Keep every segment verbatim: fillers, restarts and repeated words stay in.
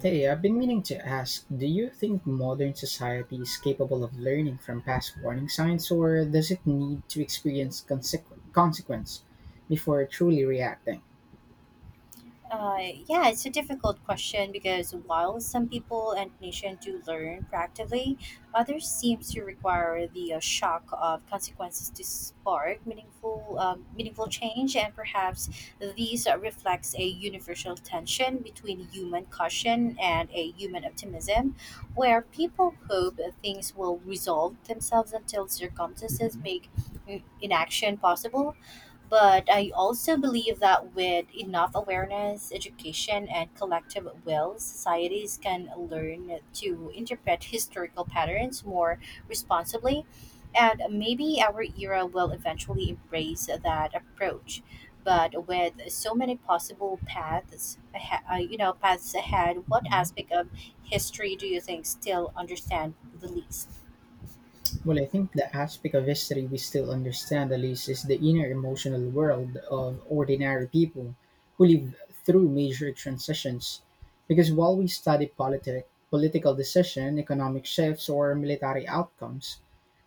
Hey, I've been meaning to ask, do you think modern society is capable of learning from past warning signs, or does it need to experience consequ- consequence before truly reacting? Uh, yeah, it's a difficult question because while some people and nations do learn practically, others seem to require the uh, shock of consequences to spark meaningful, um, meaningful change, and perhaps these uh, reflects a universal tension between human caution and a human optimism, where people hope that things will resolve themselves until circumstances Mhm. make mm, inaction possible, but I also believe that with enough awareness, education, and collective will, societies can learn to interpret historical patterns more responsibly. And maybe our era will eventually embrace that approach. But with so many possible paths, ahe- uh, you know, paths ahead, what Mhm. aspect of history do you think still understand the least? Well, I think the aspect of history we still understand at least is the inner emotional world of ordinary people who live through major transitions. Because while we study politic, political decision, economic shifts, or military outcomes,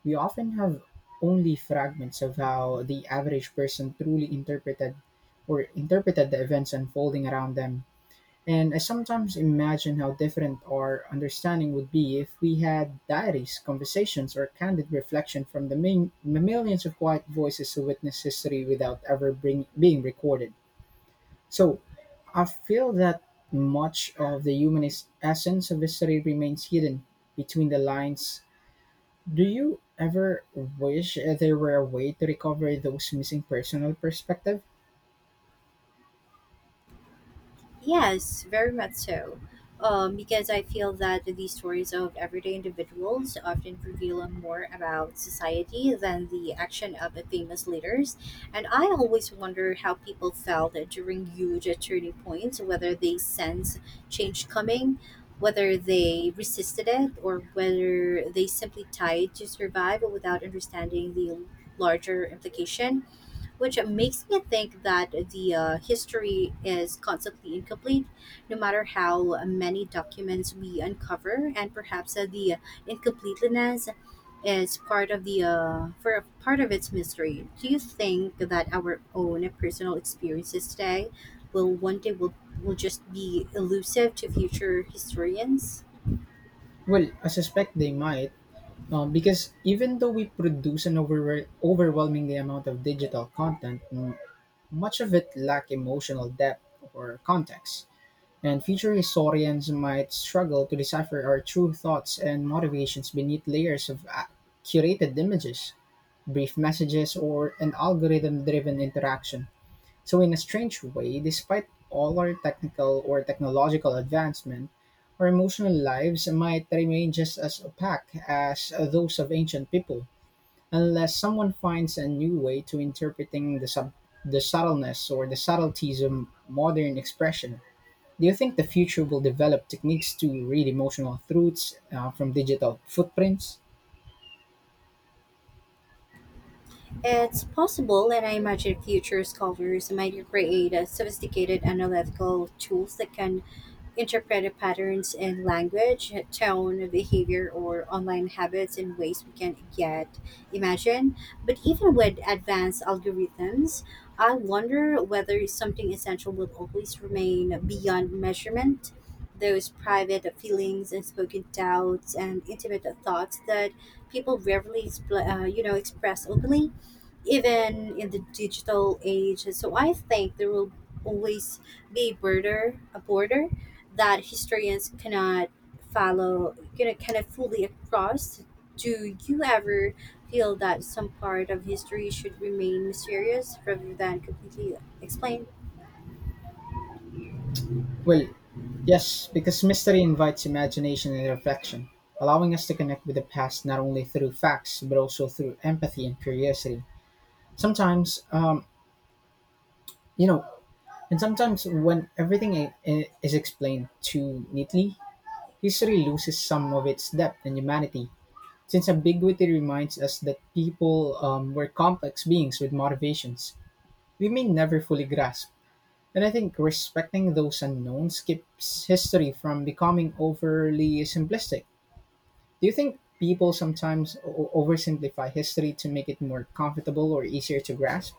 we often have only fragments of how the average person truly interpreted or interpreted the events unfolding around them. And I sometimes imagine how different our understanding would be if we had diaries, conversations, or candid reflection from the, min- the millions of quiet voices who witness history without ever bring- being recorded. So I feel that much of the human es- essence of history remains hidden between the lines. Do you ever wish there were a way to recover those missing personal perspective? Yes, very much so. Um, because I feel that these stories of everyday individuals often reveal more about society than the action of the famous leaders. And I always wonder how people felt during huge turning points, whether they sensed change coming, whether they resisted it, or whether they simply tried to survive without understanding the larger implication, which makes me think that the uh, history is constantly incomplete, no matter how many documents we uncover, and perhaps uh, the incompleteness is part of the uh, for part of its mystery. Do you think that our own personal experiences today will one day will will just be elusive to future historians? Well, I suspect they might. Um, because even though we produce an over- overwhelmingly amount of digital content, mm, much of it lack emotional depth or context. And future historians might struggle to decipher our true thoughts and motivations beneath layers of uh, curated images, brief messages, or an algorithm driven interaction. So in a strange way, despite all our technical or technological advancement, our emotional lives might remain just as opaque as those of ancient people, unless someone finds a new way to interpreting the sub- the subtleness or the subtleties of modern expression. Do you think the future will develop techniques to read emotional truths uh, from digital footprints? It's possible, and I imagine future scholars might create uh, sophisticated analytical tools that can interpret patterns in language, tone, behavior, or online habits in ways we can't yet imagine. But even with advanced algorithms, I wonder whether something essential will always remain beyond measurement. Those private feelings, unspoken doubts, and intimate thoughts that people rarely, expl- uh, you know, express openly, even in the digital age. So I think there will always be border a border that historians cannot follow, you know, cannot fully across. Do you ever feel that some part of history should remain mysterious rather than completely explained? Well, yes, because mystery invites imagination and reflection, allowing us to connect with the past not only through facts, but also through empathy and curiosity. Sometimes, um, you know, and sometimes when everything i- i- is explained too neatly, history loses some of its depth and humanity. Since ambiguity reminds us that people um, were complex beings with motivations we may never fully grasp. And I think respecting those unknowns keeps history from becoming overly simplistic. Do you think people sometimes o- oversimplify history to make it more comfortable or easier to grasp?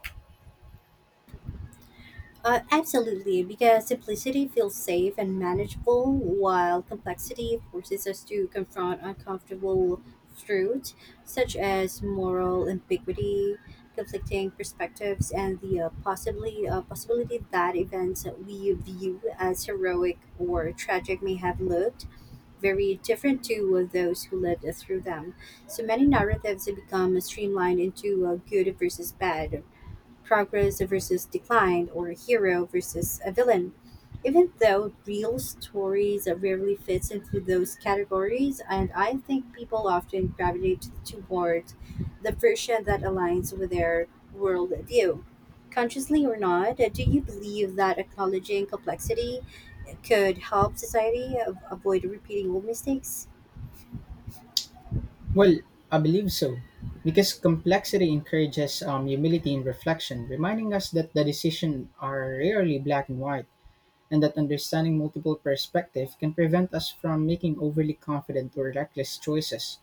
Uh, absolutely, because simplicity feels safe and manageable, while complexity forces us to confront uncomfortable truths such as moral ambiguity, conflicting perspectives, and the uh, possibly uh, possibility that events that we view as heroic or tragic may have looked very different to uh, those who lived through them. So many narratives have become streamlined into uh, good versus bad, progress versus decline, or a hero versus a villain. Even though real stories rarely fits into those categories, and I think people often gravitate toward the version that aligns with their worldview. Consciously or not, do you believe that acknowledging complexity could help society av- avoid repeating old mistakes? Well, I believe so. Because complexity encourages um, humility and reflection, reminding us that the decisions are rarely black and white, and that understanding multiple perspectives can prevent us from making overly confident or reckless choices.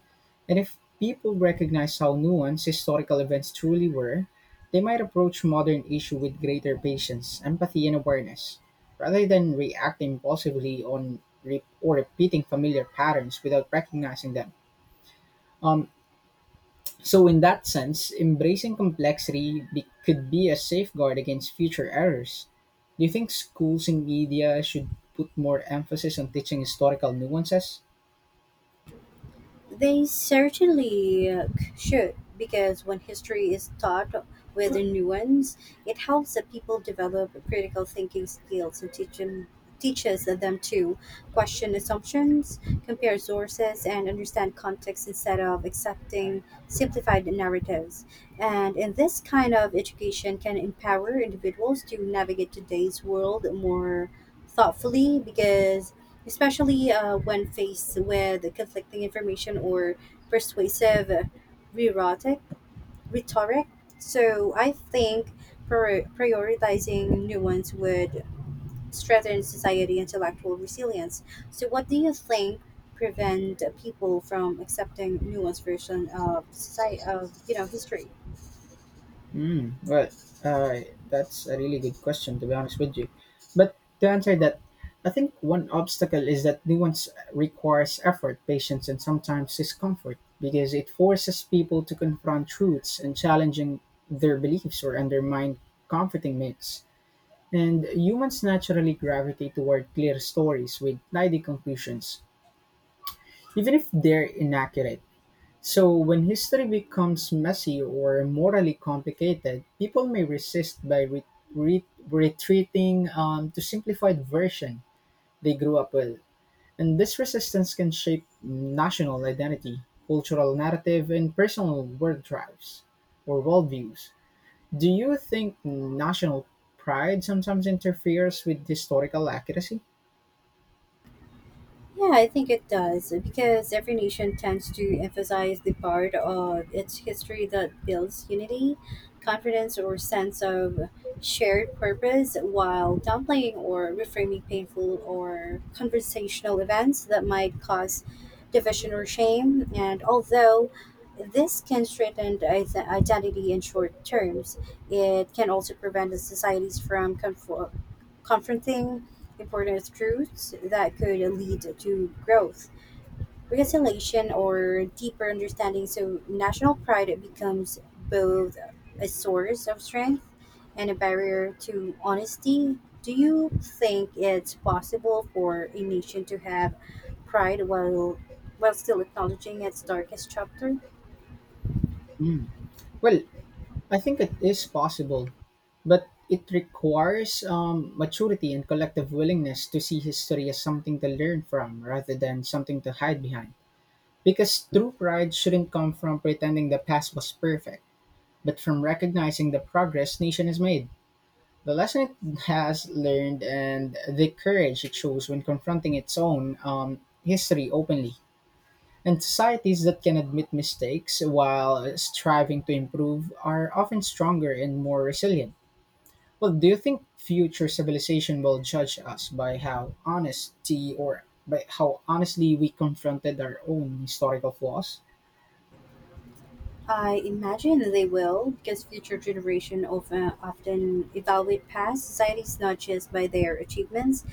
And if people recognize how nuanced historical events truly were, they might approach modern issues with greater patience, empathy, and awareness, rather than reacting impulsively on re- or repeating familiar patterns without recognizing them. Um, so, in that sense, embracing complexity be- could be a safeguard against future errors. Do you think schools and media should put more emphasis on teaching historical nuances? They certainly uh, should, because when history is taught with nuance, it helps the people develop critical thinking skills and teach them, teaches them to question assumptions, compare sources, and understand context instead of accepting simplified narratives. And in this kind of education can empower individuals to navigate today's world more thoughtfully, because especially uh, when faced with conflicting information or persuasive uh, rhetoric. Rhetoric. So I think prior- prioritizing nuance would strengthen society intellectual resilience. So what do you think prevent people from accepting nuanced version of society of you know history? Hmm. Well, uh, that's a really good question, to be honest with you. But to answer that, I think one obstacle is that nuance requires effort, patience, and sometimes discomfort because it forces people to confront truths and challenging their beliefs or undermine comforting myths, and humans naturally gravitate toward clear stories with tidy conclusions, even if they're inaccurate. So, when history becomes messy or morally complicated, people may resist by re- re- retreating um, to simplified version they grew up with. And this resistance can shape national identity, cultural narrative, and personal world drives or worldviews. Do you think national pride sometimes interferes with historical accuracy? Yeah, I think it does because every nation tends to emphasize the part of its history that builds unity, confidence, or sense of shared purpose while downplaying or reframing painful or conversational events that might cause division or shame. And although this can strengthen ide- identity in short terms, it can also prevent the societies from conform- confronting important truths that could lead to growth, reconciliation, or deeper understanding. So, national pride becomes both a source of strength and a barrier to honesty. Do you think it's possible for a nation to have pride while while still acknowledging its darkest chapter? Mm. Well, I think it is possible, but it requires um, maturity and collective willingness to see history as something to learn from rather than something to hide behind. Because true pride shouldn't come from pretending the past was perfect, but from recognizing the progress nation has made, the lesson it has learned, and the courage it shows when confronting its own um, history openly. And societies that can admit mistakes while striving to improve are often stronger and more resilient. Well, do you think future civilization will judge us by how honesty or by how honestly we confronted our own historical flaws? I imagine they will, because future generation of, uh, often evaluate past societies not just by their achievements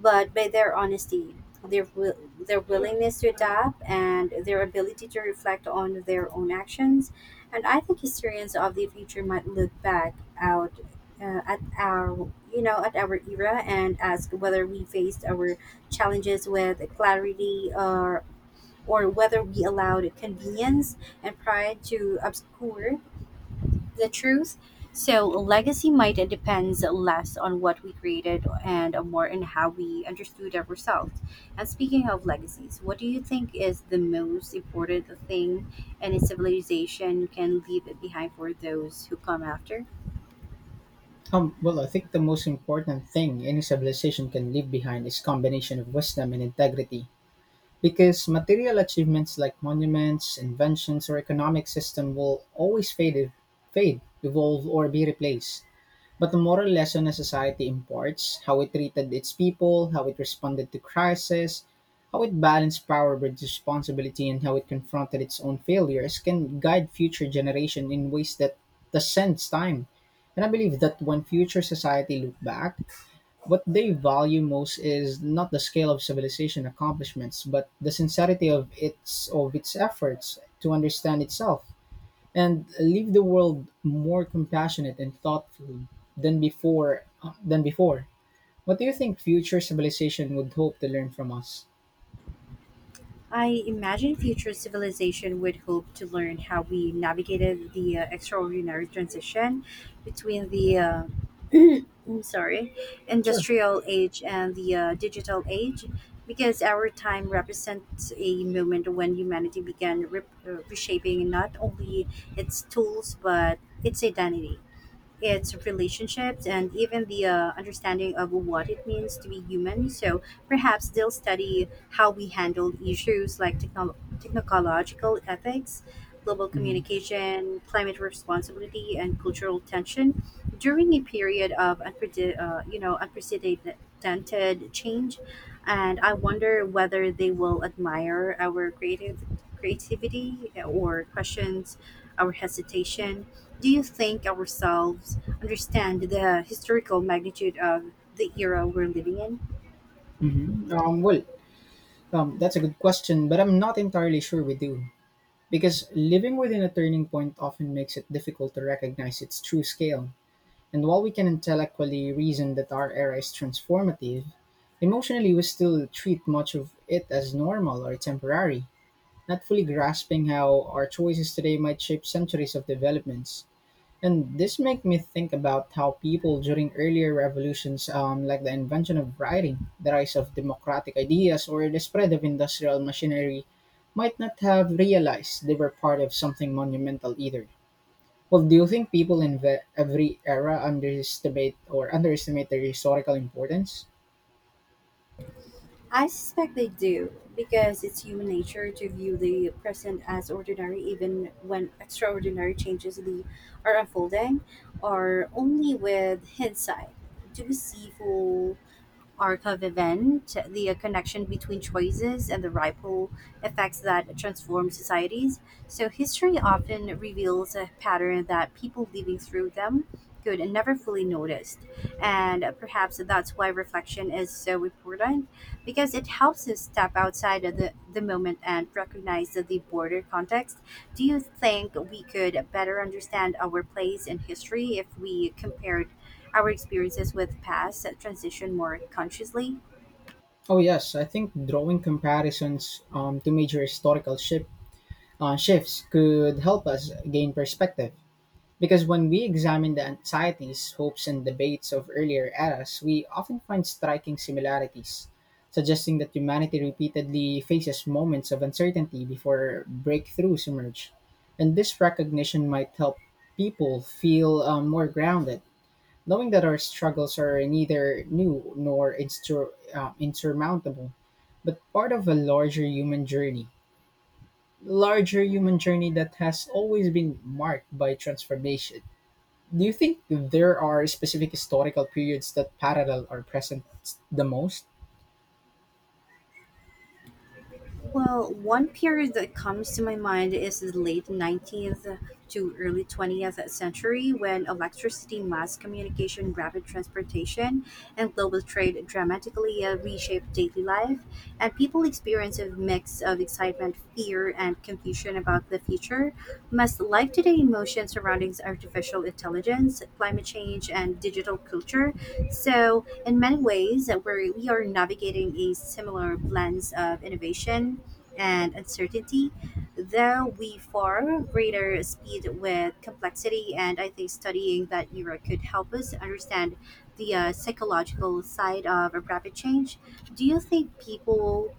but by their honesty, their will, their willingness to adapt, and their ability to reflect on their own actions. And I think historians of the future might look back out uh, at our you know at our era and ask whether we faced our challenges with clarity or or whether we allowed convenience and pride to obscure the truth. So legacy might depends less on what we created and more on how we understood ourselves. And speaking of legacies, what do you think is the most important thing any civilization can leave behind for those who come after? Um, well, I think the most important thing any civilization can leave behind is combination of wisdom and integrity. Because material achievements like monuments, inventions, or economic system will always fade, fade, evolve, or be replaced. But the moral lesson a society imparts, how it treated its people, how it responded to crisis, how it balanced power with responsibility, and how it confronted its own failures, can guide future generation in ways that transcends time. And I believe that when future society look back, what they value most is not the scale of civilization accomplishments, but the sincerity of its of its efforts to understand itself and leave the world more compassionate and thoughtful than before than before. What do you think future civilization would hope to learn from us? I imagine future civilization would hope to learn how we navigated the uh, extraordinary transition between the uh, I'm sorry, Sure. industrial age and the uh, digital age, because our time represents a moment when humanity began rep- uh, reshaping not only its tools but its identity, its relationships, and even the uh, understanding of what it means to be human. So perhaps they'll study how we handle issues like technol technological ethics, global hmm communication, climate responsibility, and cultural tension during a period of unprede- uh, you know unprecedented change. And I wonder whether they will admire our creative creativity or questions our hesitation. Do you think ourselves understand the historical magnitude of the era we're living in? hmm Um, well, um, that's a good question, but I'm not entirely sure we do. Because living within a turning point often makes it difficult to recognize its true scale. And while we can intellectually reason that our era is transformative, emotionally we still treat much of it as normal or temporary, not fully grasping how our choices today might shape centuries of developments. And this makes me think about how people during earlier revolutions, um, like the invention of writing, the rise of democratic ideas, or the spread of industrial machinery, might not have realized they were part of something monumental either. Well, do you think people in ve- every era underestimate or underestimate their historical importance? I suspect they do, because it's human nature to view the present as ordinary even when extraordinary changes the are unfolding, or only with hindsight. To be see full arc of event, the uh, connection between choices and the ripple effects that transform societies. So history often reveals a pattern that people living through them could never fully noticed. And uh, perhaps that's why reflection is so important, because it helps us step outside of the, the moment and recognize the the broader context. Do you think we could better understand our place in history if we compared our experiences with past transition more consciously? Oh yes, I think drawing comparisons um, to major historical shifts uh, shifts could help us gain perspective. Because when we examine the anxieties, hopes, and debates of earlier eras, we often find striking similarities, suggesting that humanity repeatedly faces moments of uncertainty before breakthroughs emerge. And this recognition might help people feel um, more grounded, knowing that our struggles are neither new nor insur- uh, insurmountable, but part of a larger human journey larger human journey that has always been marked by transformation. Do you think there are specific historical periods that parallel or present the most? Well, one period that comes to my mind is the late nineteenth to early twentieth century when electricity, mass communication, rapid transportation, and global trade dramatically uh, reshaped daily life, and people experienced a mix of excitement, fear, and confusion about the future. Must life today emotions surrounding artificial intelligence, climate change, and digital culture. So, in many ways, that we're, we are navigating a similar blend of innovation and uncertainty, though we far greater speed with complexity. And I think studying that era could help us understand the uh, psychological side of a rapid change. Do you think people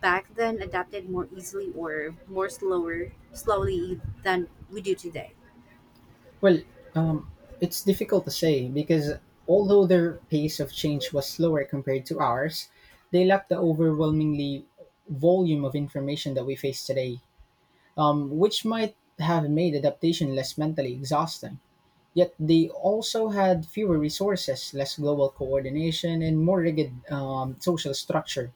back then adapted more easily or more slower, slowly than we do today? Well, um, it's difficult to say because although their pace of change was slower compared to ours, they lacked the overwhelmingly volume of information that we face today, um, which might have made adaptation less mentally exhausting. Yet they also had fewer resources, less global coordination, and more rigid um, social structure,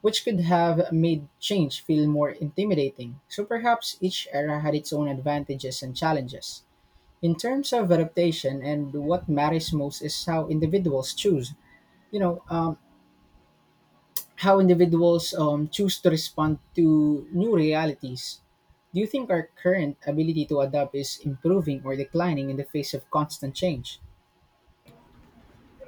which could have made change feel more intimidating. So perhaps each era had its own advantages and challenges in terms of adaptation, and what matters most is how individuals choose, you know, um, how individuals um, choose to respond to new realities. Do you think our current ability to adapt is improving or declining in the face of constant change?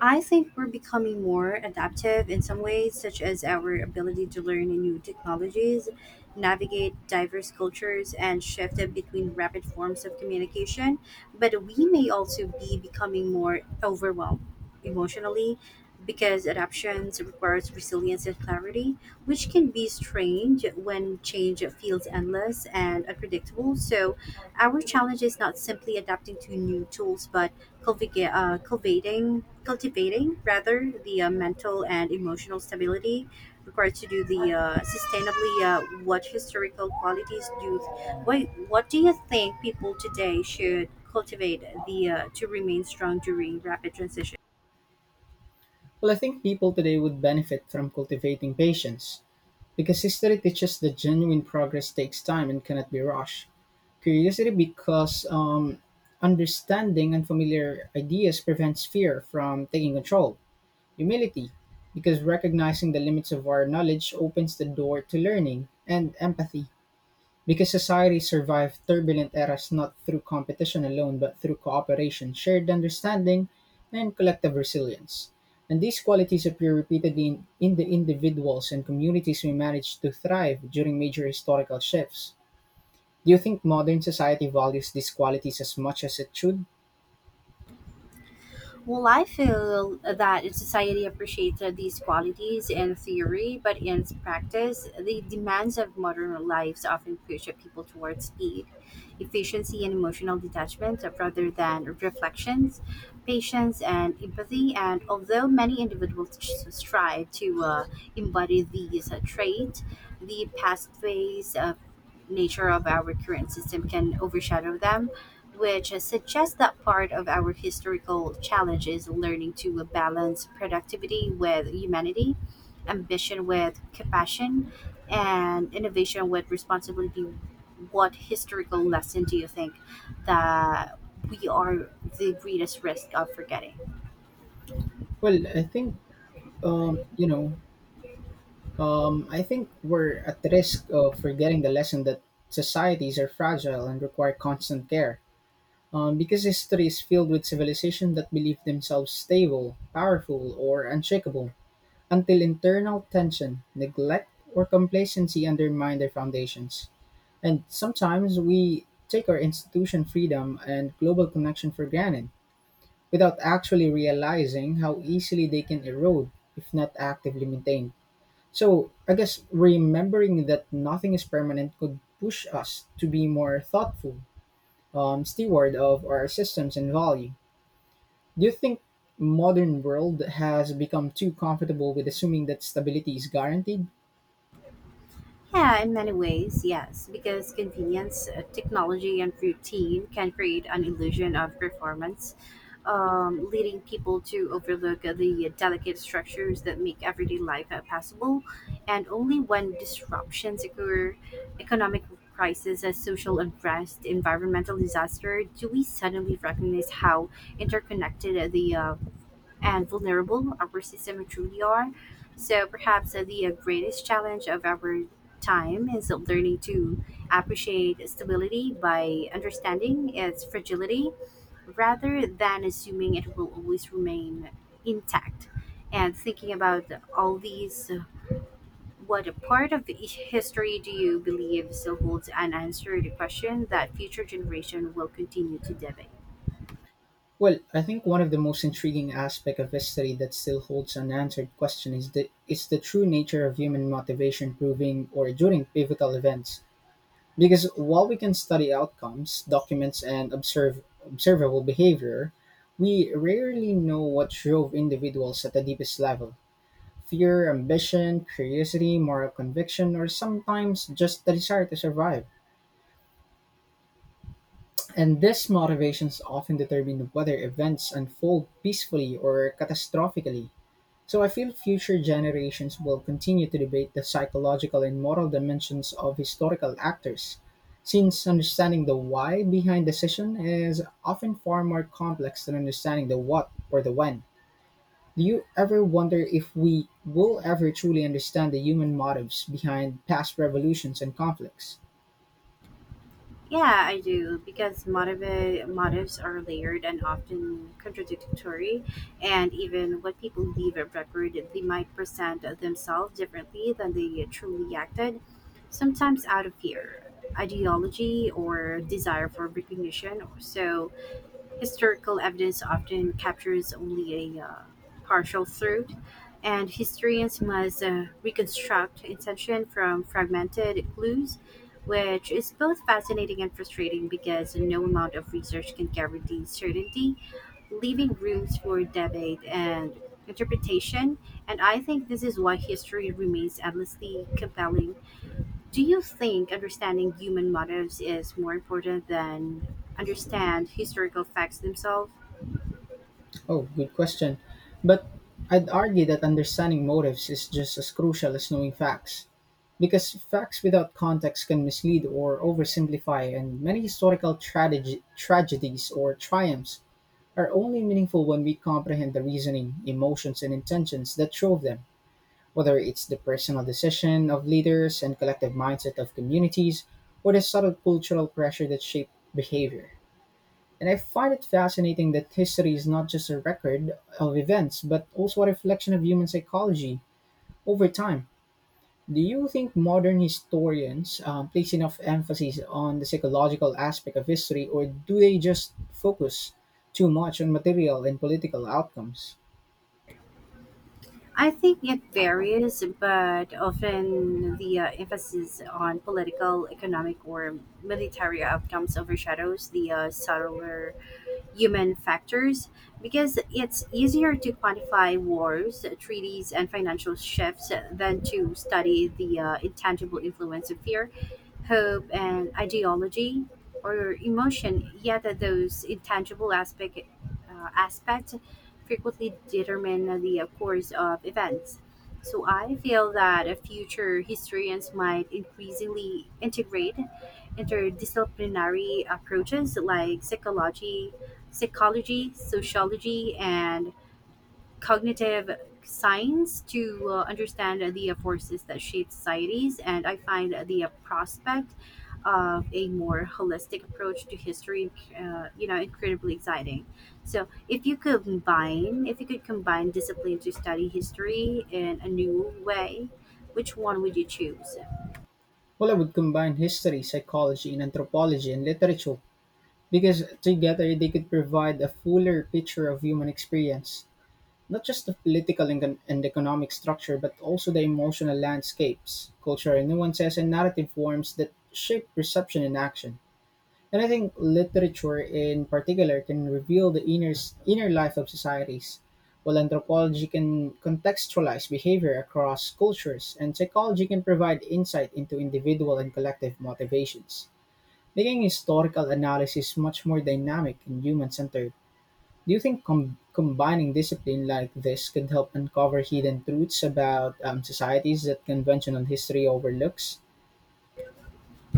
I think we're becoming more adaptive in some ways, such as our ability to learn new technologies, navigate diverse cultures, and shift between rapid forms of communication. But we may also be becoming more overwhelmed emotionally, because adaptations requires resilience and clarity, which can be strained when change feels endless and unpredictable. So our challenge is not simply adapting to new tools, but cultivate, uh, cultivating, cultivating rather the uh, mental and emotional stability required to do the uh, sustainably. Uh, what historical qualities do? What What do you think people today should cultivate the uh, to remain strong during rapid transition? Well, I think people today would benefit from cultivating patience because history teaches that genuine progress takes time and cannot be rushed. Curiosity, because um, understanding unfamiliar ideas prevents fear from taking control. Humility, because recognizing the limits of our knowledge opens the door to learning. And empathy, because society survived turbulent eras not through competition alone but through cooperation, shared understanding, and collective resilience. And these qualities appear repeatedly in, in the individuals and communities who managed to thrive during major historical shifts. Do you think modern society values these qualities as much as it should? Well, I feel that society appreciates these qualities in theory, but in practice, the demands of modern lives often push people towards speed, efficiency, and emotional detachment rather than reflections, patience, and empathy. And although many individuals s- strive to uh, embody these uh, traits, the past ways of nature of our current system can overshadow them, which suggests that part of our historical challenge is learning to balance productivity with humanity, ambition with compassion, and innovation with responsibility. What historical lesson do you think that we are the greatest risk of forgetting? Well, I think, um, you know, um, I think we're at risk of forgetting the lesson that societies are fragile and require constant care. Um, Because history is filled with civilizations that believe themselves stable, powerful, or unshakable, until internal tension, neglect, or complacency undermine their foundations. And sometimes we take our institution freedom and global connection for granted without actually realizing how easily they can erode if not actively maintained. So, I guess remembering that nothing is permanent could push us to be more thoughtful um, steward of our systems and value. Do you think modern world has become too comfortable with assuming that stability is guaranteed? Yeah, in many ways, yes, because convenience, uh, technology, and routine can create an illusion of performance, um, leading people to overlook uh, the delicate structures that make everyday life uh, possible. And only when disruptions occur, economic crisis, uh, social unrest, environmental disaster, do we suddenly recognize how interconnected uh, the uh, and vulnerable our system truly are. So perhaps uh, the uh, greatest challenge of our time is learning to appreciate stability by understanding its fragility rather than assuming it will always remain intact. And thinking about all these, uh, what part of each history do you believe still holds an unanswered question that future generation will continue to debate? Well, I think one of the most intriguing aspect of history that still holds unanswered question is the is the true nature of human motivation proving or during pivotal events. Because while we can study outcomes, documents and observe observable behavior, we rarely know what drove individuals at the deepest level. Fear, ambition, curiosity, moral conviction, or sometimes just the desire to survive. And these motivations often determine whether events unfold peacefully or catastrophically. So I feel future generations will continue to debate the psychological and moral dimensions of historical actors, since understanding the why behind decision is often far more complex than understanding the what or the when. Do you ever wonder if we will ever truly understand the human motives behind past revolutions and conflicts? Yeah, I do because motive, motives are layered and often contradictory, and even what people leave a record, they might present themselves differently than they truly acted, sometimes out of fear, ideology, or desire for recognition. So, historical evidence often captures only a uh, partial truth, and historians must uh, reconstruct intention from fragmented clues, which is both fascinating and frustrating because no amount of research can guarantee certainty, leaving rooms for debate and interpretation. And I think this is why history remains endlessly compelling. Do you think understanding human motives is more important than understand historical facts themselves? Oh, good question. But I'd argue that understanding motives is just as crucial as knowing facts, because facts without context can mislead or oversimplify, and many historical tragedy, tragedies or triumphs are only meaningful when we comprehend the reasoning, emotions, and intentions that drove them, whether it's the personal decision of leaders and collective mindset of communities, or the subtle cultural pressure that shaped behavior. And I find it fascinating that history is not just a record of events, but also a reflection of human psychology over time. Do you think modern historians um, place enough emphasis on the psychological aspect of history, or do they just focus too much on material and political outcomes? I think it varies, but often the uh, emphasis on political, economic, or military outcomes overshadows the uh, subtler human factors because it's easier to quantify wars, treaties, and financial shifts than to study the uh, intangible influence of fear, hope, and ideology or emotion. Yet, those intangible aspect, uh, aspects frequently determine the course of events. So I feel that uh, future historians might increasingly integrate interdisciplinary approaches like psychology, psychology, sociology, and cognitive science to uh, understand the uh, forces that shape societies, and I find the uh, prospect of a more holistic approach to history uh, you know incredibly exciting. So if you could combine if you could combine discipline to study history in a new way, which one would you choose? Well, I would combine history, psychology, and anthropology and literature because together they could provide a fuller picture of human experience, not just the political and, econ- and economic structure, but also the emotional landscapes, cultural nuances, and narrative forms that shape perception and action. And I think literature in particular can reveal the inner, inner life of societies, while anthropology can contextualize behavior across cultures, and psychology can provide insight into individual and collective motivations, making historical analysis much more dynamic and human centered. Do you think com- combining discipline like this could help uncover hidden truths about um, societies that conventional history overlooks?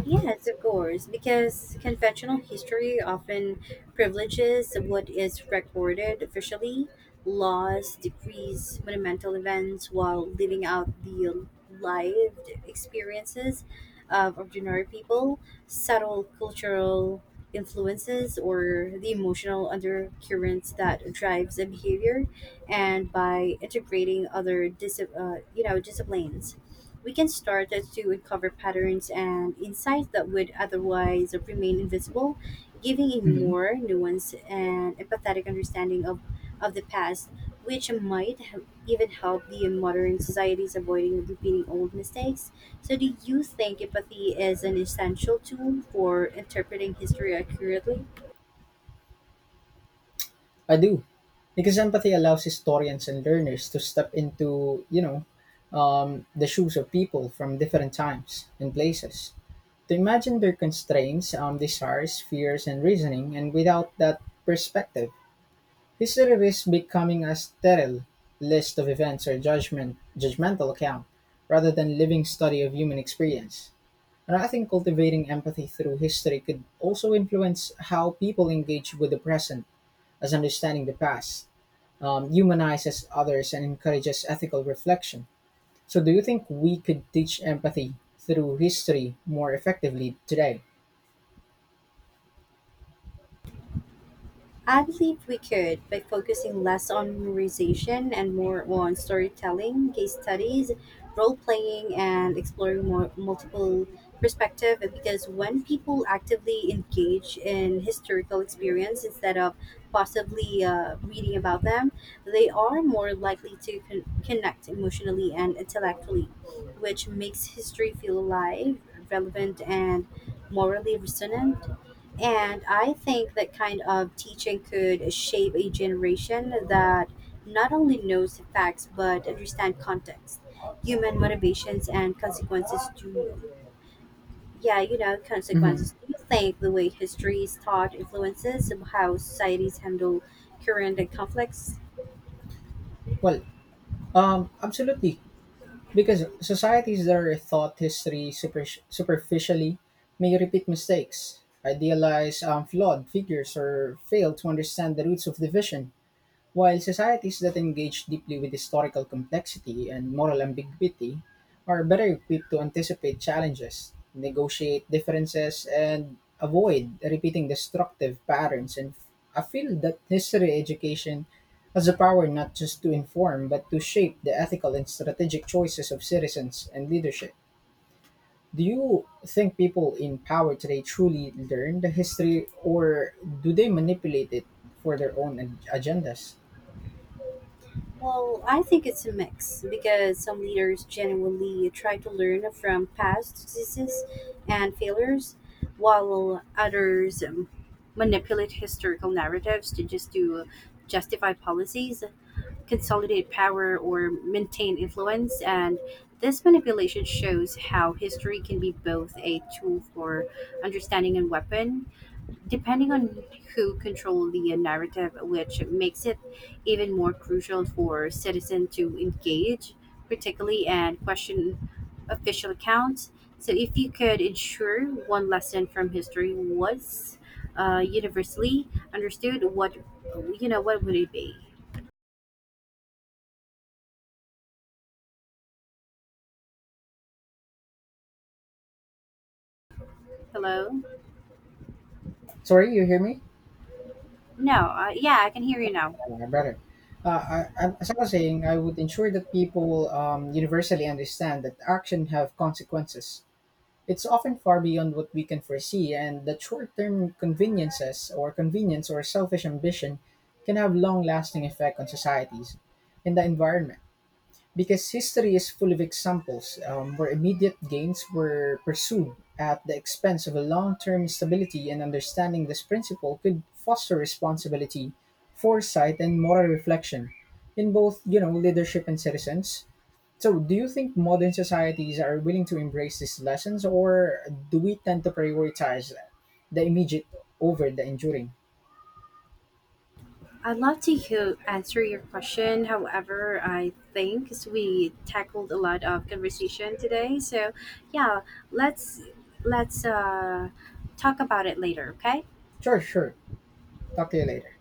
Yes, of course, because conventional history often privileges what is recorded officially, laws, decrees, monumental events, while leaving out the lived experiences of ordinary people, subtle cultural influences, or the emotional undercurrents that drives the behavior, and by integrating other dis- uh, you know disciplines we can start to uncover patterns and insights that would otherwise remain invisible, giving a hmm more nuanced and empathetic understanding of, of the past, which might h- even help the modern societies avoiding repeating old mistakes. So, do you think empathy is an essential tool for interpreting history accurately? I do. Because empathy allows historians and learners to step into, you know, um, the shoes of people from different times and places, to imagine their constraints, um, desires, fears, and reasoning. And without that perspective, history risks becoming a sterile list of events or judgment, judgmental account rather than living study of human experience. And I think cultivating empathy through history could also influence how people engage with the present, as understanding the past um, humanizes others and encourages ethical reflection. So, do you think we could teach empathy through history more effectively today? I believe we could by focusing less on memorization and more on storytelling, case studies, role playing, and exploring more multiple perspective. Because when people actively engage in historical experience instead of possibly uh, reading about them, they are more likely to con- connect emotionally and intellectually, which makes history feel alive, relevant, and morally resonant. And I think that kind of teaching could shape a generation that not only knows the facts but understand context, human motivations and consequences to yeah, you know, hmm consequences. Do you think the way history is taught influences how societies handle current conflicts? Well, um, absolutely. Because societies that are thought history super, superficially may repeat mistakes, idealize um, flawed figures, or fail to understand the roots of division, while societies that engage deeply with historical complexity and moral ambiguity are better equipped to anticipate challenges, negotiate differences, and avoid repeating destructive patterns. And I feel that history education has the power not just to inform but to shape the ethical and strategic choices of citizens and leadership. Do you think people in power today truly learn the history or do they manipulate it for their own ag- agendas? Well, I think it's a mix because some leaders genuinely try to learn from past successes and failures, while others um, manipulate historical narratives to just to justify policies, consolidate power, or maintain influence. And this manipulation shows how history can be both a tool for understanding and weapon depending on who control the narrative, which makes it even more crucial for citizens to engage, particularly and question official accounts. So, if you could ensure one lesson from history was uh, universally understood, what you know, what would it be? Hello? Sorry, you hear me? No. Uh, yeah, I can hear you now. Uh, Better. Uh, I, I, as I was saying, I would ensure that people um, universally understand that action have consequences. It's often far beyond what we can foresee, and that short-term conveniences or convenience or selfish ambition can have long-lasting effect on societies and the environment, because history is full of examples um, where immediate gains were pursued at the expense of a long-term stability, and understanding this principle could foster responsibility, foresight and moral reflection in both, you know, leadership and citizens. So do you think modern societies are willing to embrace these lessons or do we tend to prioritize the immediate over the enduring? I'd love to hear, answer your question. However, I think we tackled a lot of conversation today, so yeah, let's let's uh, talk about it later. Okay. Sure sure, talk to you later.